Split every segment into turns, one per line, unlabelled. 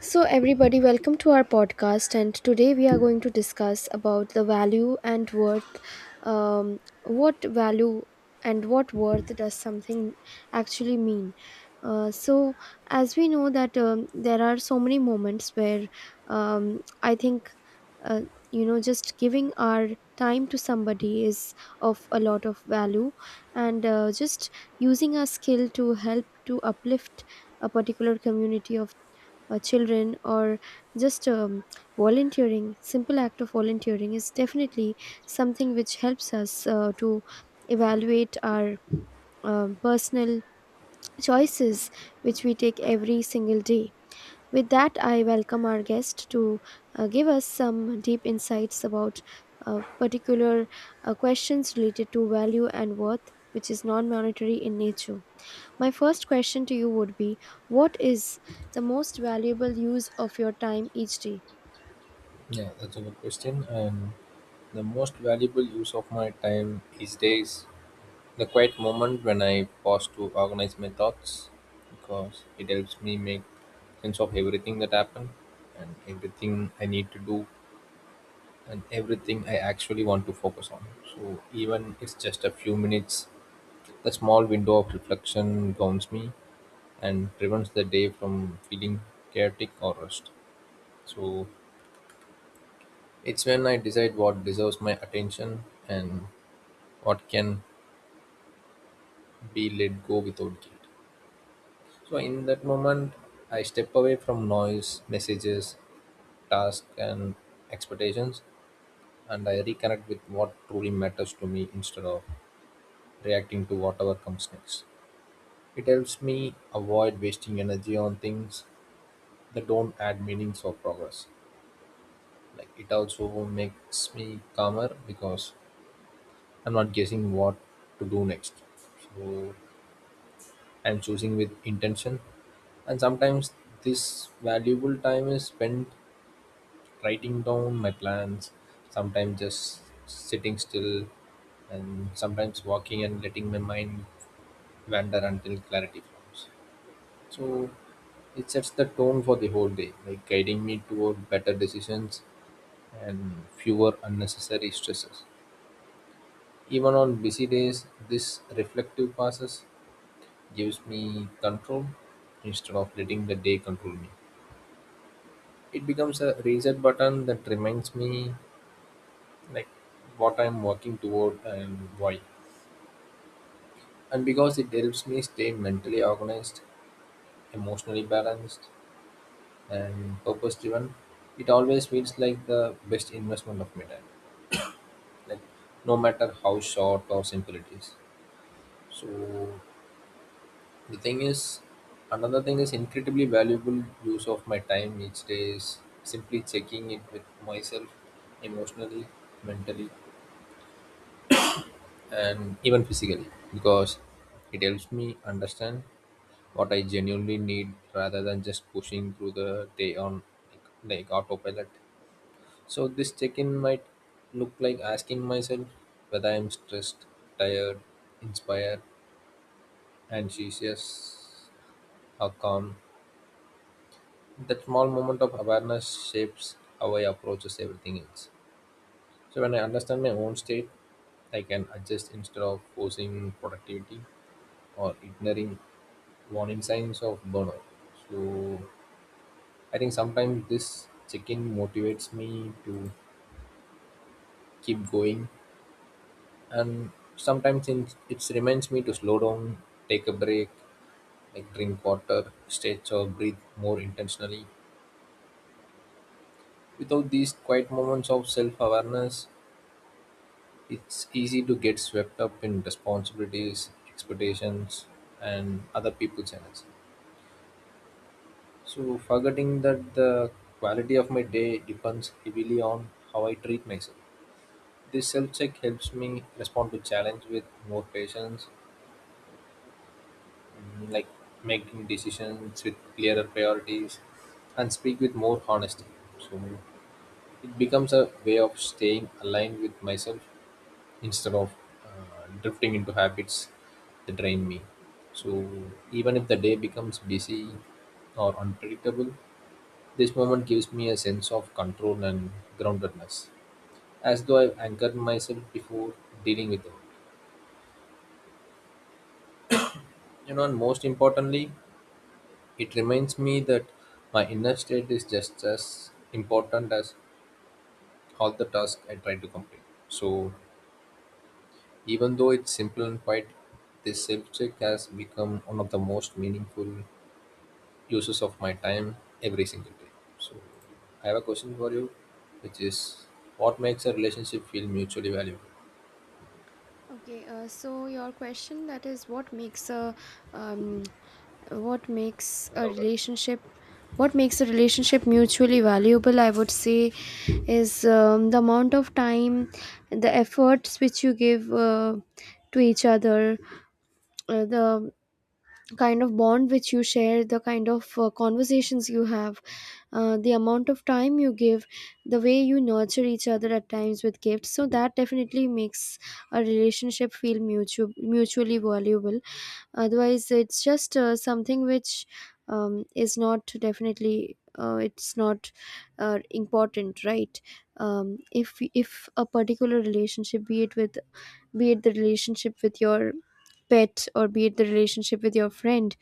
So everybody, welcome to our podcast, and today we are going to discuss about the value and worth. um, what value and what worth does something actually mean? So as we know that, there are so many moments where, I think, uh, you know, just giving our time to somebody is of a lot of value, and just using our skill to help to uplift a particular community of children, or just volunteering. Simple act of volunteering is definitely something which helps us to evaluate our personal choices which we take every single day. With that, I welcome our guest to give us some deep insights about particular questions related to value and worth, which is non-monetary in nature. My first question to you would be: what is the most valuable use of your time each day?
Yeah, that's a good question. And the most valuable use of my time these days, the quiet moment when I pause to organize my thoughts, because it helps me make sense of everything that happened and everything I need to do and everything I actually want to focus on. So even it's just a few minutes, the small window of reflection grounds me and prevents the day from feeling chaotic or rushed. So it's when I decide what deserves my attention and what can be let go without guilt. So in that moment, I step away from noise, messages, tasks, and expectations, and I reconnect with what truly matters to me instead of reacting to whatever comes next. It helps me avoid wasting energy on things that don't add meanings or progress. Like it also makes me calmer because I'm not guessing what to do next. So I'm choosing with intention. And sometimes this valuable time is spent writing down my plans, sometimes just sitting still, and sometimes walking and letting my mind wander until clarity comes. So it sets the tone for the whole day, like guiding me toward better decisions and fewer unnecessary stresses. Even on busy days, this reflective process gives me control instead of letting the day control me. It becomes a reset button that reminds me like what I'm working toward and why. And because it helps me stay mentally organized, emotionally balanced, and purpose driven, it always feels like the best investment of my time. Like no matter how short or simple it is. So the thing is, another thing is incredibly valuable use of my time each day is simply checking it with myself emotionally, mentally, and even physically, because it helps me understand what I genuinely need rather than just pushing through the day on like autopilot. So this check-in might look like asking myself whether I'm stressed, tired, inspired, anxious, or calm. That small moment of awareness shapes how I approaches everything else. So when I understand my own state, I can adjust instead of forcing productivity or ignoring warning signs of burnout. So I think sometimes this check-in motivates me to keep going, and sometimes it reminds me to slow down, take a break, like drink water, stretch or breathe more intentionally. Without these quiet moments of self-awareness, it's easy to get swept up in responsibilities, expectations, and other people's energy. So forgetting that the quality of my day depends heavily on how I treat myself. This self-check helps me respond to challenge with more patience, like making decisions with clearer priorities, and speak with more honesty. So it becomes a way of staying aligned with myself instead of drifting into habits that drain me. So even if the day becomes busy or unpredictable, this moment gives me a sense of control and groundedness, as though I've anchored myself before dealing with it. You know, and most importantly, it reminds me that my inner state is just as important as all the tasks I try to complete. So, even though it's simple and quiet, this self check has become one of the most meaningful uses of my time every single day. So, I have a question for you, which is what makes a relationship feel mutually valuable?
Okay, so your question, that is, what makes a um, what makes a
Louder.
relationship what makes a relationship mutually valuable? I would say is the amount of time, the efforts which you give to each other, the kind of bond which you share, the kind of conversations you have, the amount of time you give, the way you nurture each other at times with gifts. So that definitely makes a relationship feel mutually valuable. Otherwise, it's just something which is not, definitely. It's not important, right? If a particular relationship, be it the relationship with your pet, or be it the relationship with your friend,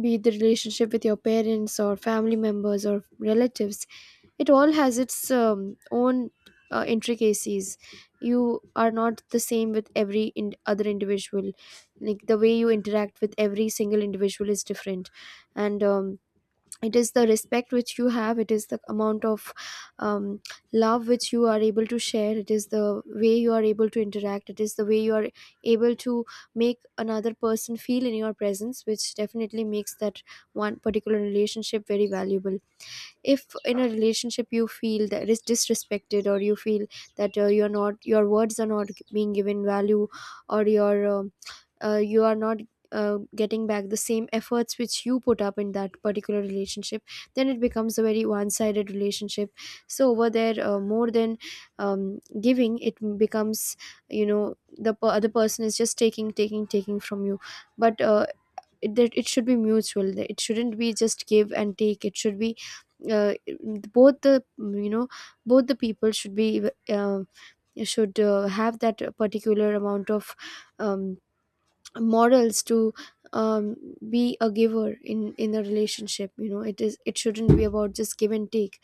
be it the relationship with your parents or family members or relatives, it all has its own intricacies. You are not the same with every other individual. Like, the way you interact with every single individual is different. And it is the respect which you have, it is the amount of um, love which you are able to share, it is the way you are able to interact, it is the way you are able to make another person feel in your presence, which definitely makes that one particular relationship very valuable. If in a relationship you feel that is disrespected, or you feel that you're not your words are not being given value, or your you are not getting back the same efforts which you put up in that particular relationship, then it becomes a very one-sided relationship. So over there, more than giving, it becomes, you know, the other person is just taking, taking, taking from you. But that it should be mutual, that it shouldn't be just give and take, it should be, uh, both, the, you know, both the people should be, should have that particular amount of um, morals to um, be a giver in a relationship. You know, it is, it shouldn't be about just give and take.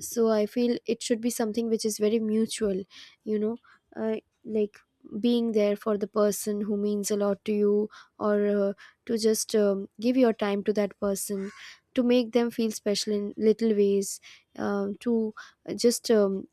So I feel it should be something which is very mutual, you know, uh, like being there for the person who means a lot to you, or to just give your time to that person, to make them feel special in little ways, to just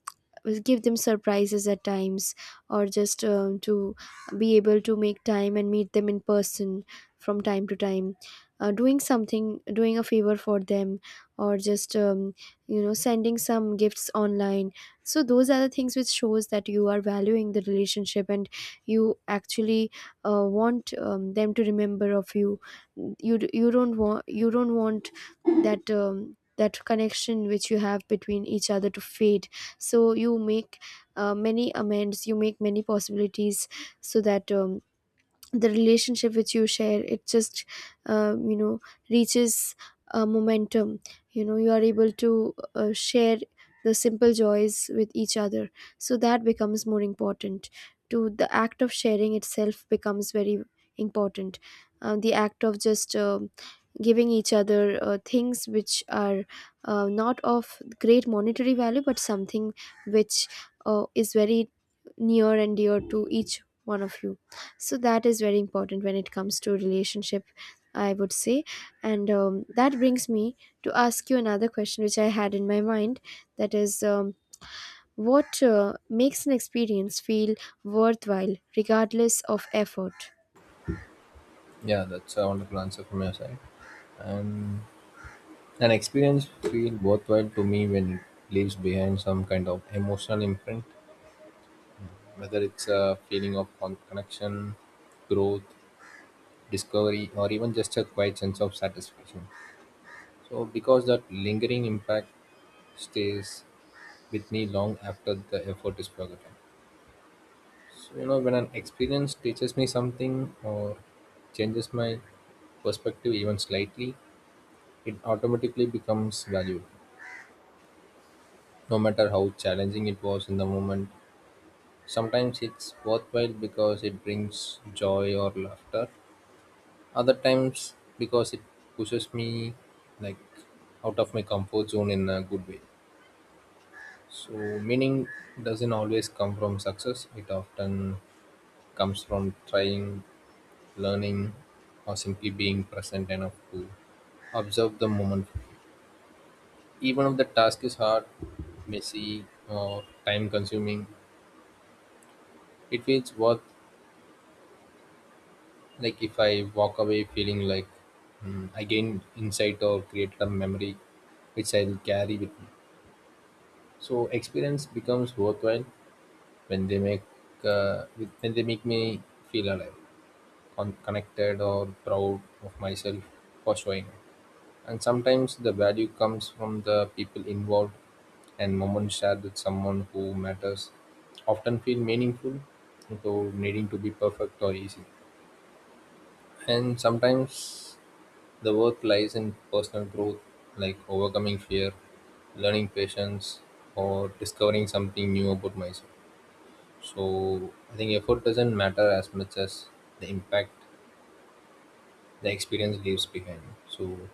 will give them surprises at times, or just to be able to make time and meet them in person from time to time, doing something, doing a favor for them, or just you know, sending some gifts online. So those are the things which shows that you are valuing the relationship, and you actually want them to remember of you. You you don't want, you don't want that that connection which you have between each other to fade. So you make many amends, you make many possibilities, so that the relationship which you share, it just, you know, reaches a momentum. You know, you are able to share the simple joys with each other. So that becomes more important. To the act of sharing itself becomes very important. The act of just giving each other things which are not of great monetary value, but something which is very near and dear to each one of you. So that is very important when it comes to relationship, I would say. And that brings me to ask you another question which I had in my mind. That is, what makes an experience feel worthwhile regardless of effort?
Yeah, that's a wonderful answer from your side. And an experience feels worthwhile to me when it leaves behind some kind of emotional imprint, whether it's a feeling of connection, growth, discovery, or even just a quiet sense of satisfaction. So, because that lingering impact stays with me long after the effort is forgotten. So, you know, when an experience teaches me something or changes my perspective even slightly, it automatically becomes valuable, no matter how challenging it was in the moment. Sometimes it's worthwhile because it brings joy or laughter. Other times because it pushes me, like, out of my comfort zone in a good way. So meaning doesn't always come from success. It often comes from trying, learning, or simply being present enough to observe the moment fully. Even if the task is hard, messy, or time consuming, it feels worth like if I walk away feeling like, I gained insight or created a memory which I'll carry with me. So experience becomes worthwhile when they make when they make me feel alive, connected or proud of myself for showing up. And sometimes the value comes from the people involved, and moments shared with someone who matters often feel meaningful without needing to be perfect or easy. And sometimes the work lies in personal growth, like overcoming fear, learning patience, or discovering something new about myself. So I think effort doesn't matter as much as the impact the experience leaves behind. So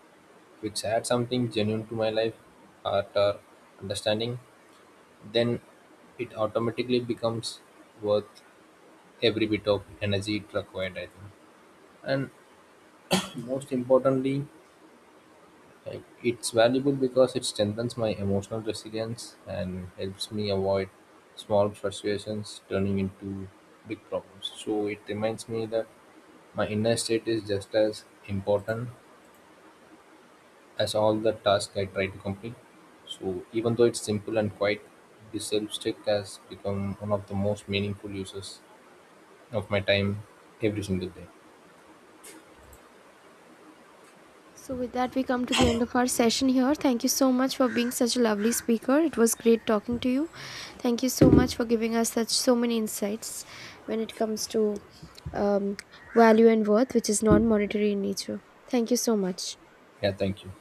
if it's add something genuine to my life, heart, or understanding, then it automatically becomes worth every bit of energy it required, I think. And most importantly, like, it's valuable because it strengthens my emotional resilience and helps me avoid small frustrations turning into big problems. So it reminds me that my inner state is just as important as all the tasks I try to complete. So even though it's simple and quiet, this self check has become one of the most meaningful uses of my time every single day.
So, with that, we come to the end of our session here. Thank you so much for being such a lovely speaker. It was great talking to you. Thank you so much for giving us such so many insights when it comes to um, value and worth, which is non monetary in nature. Thank you so much.
Yeah, thank you.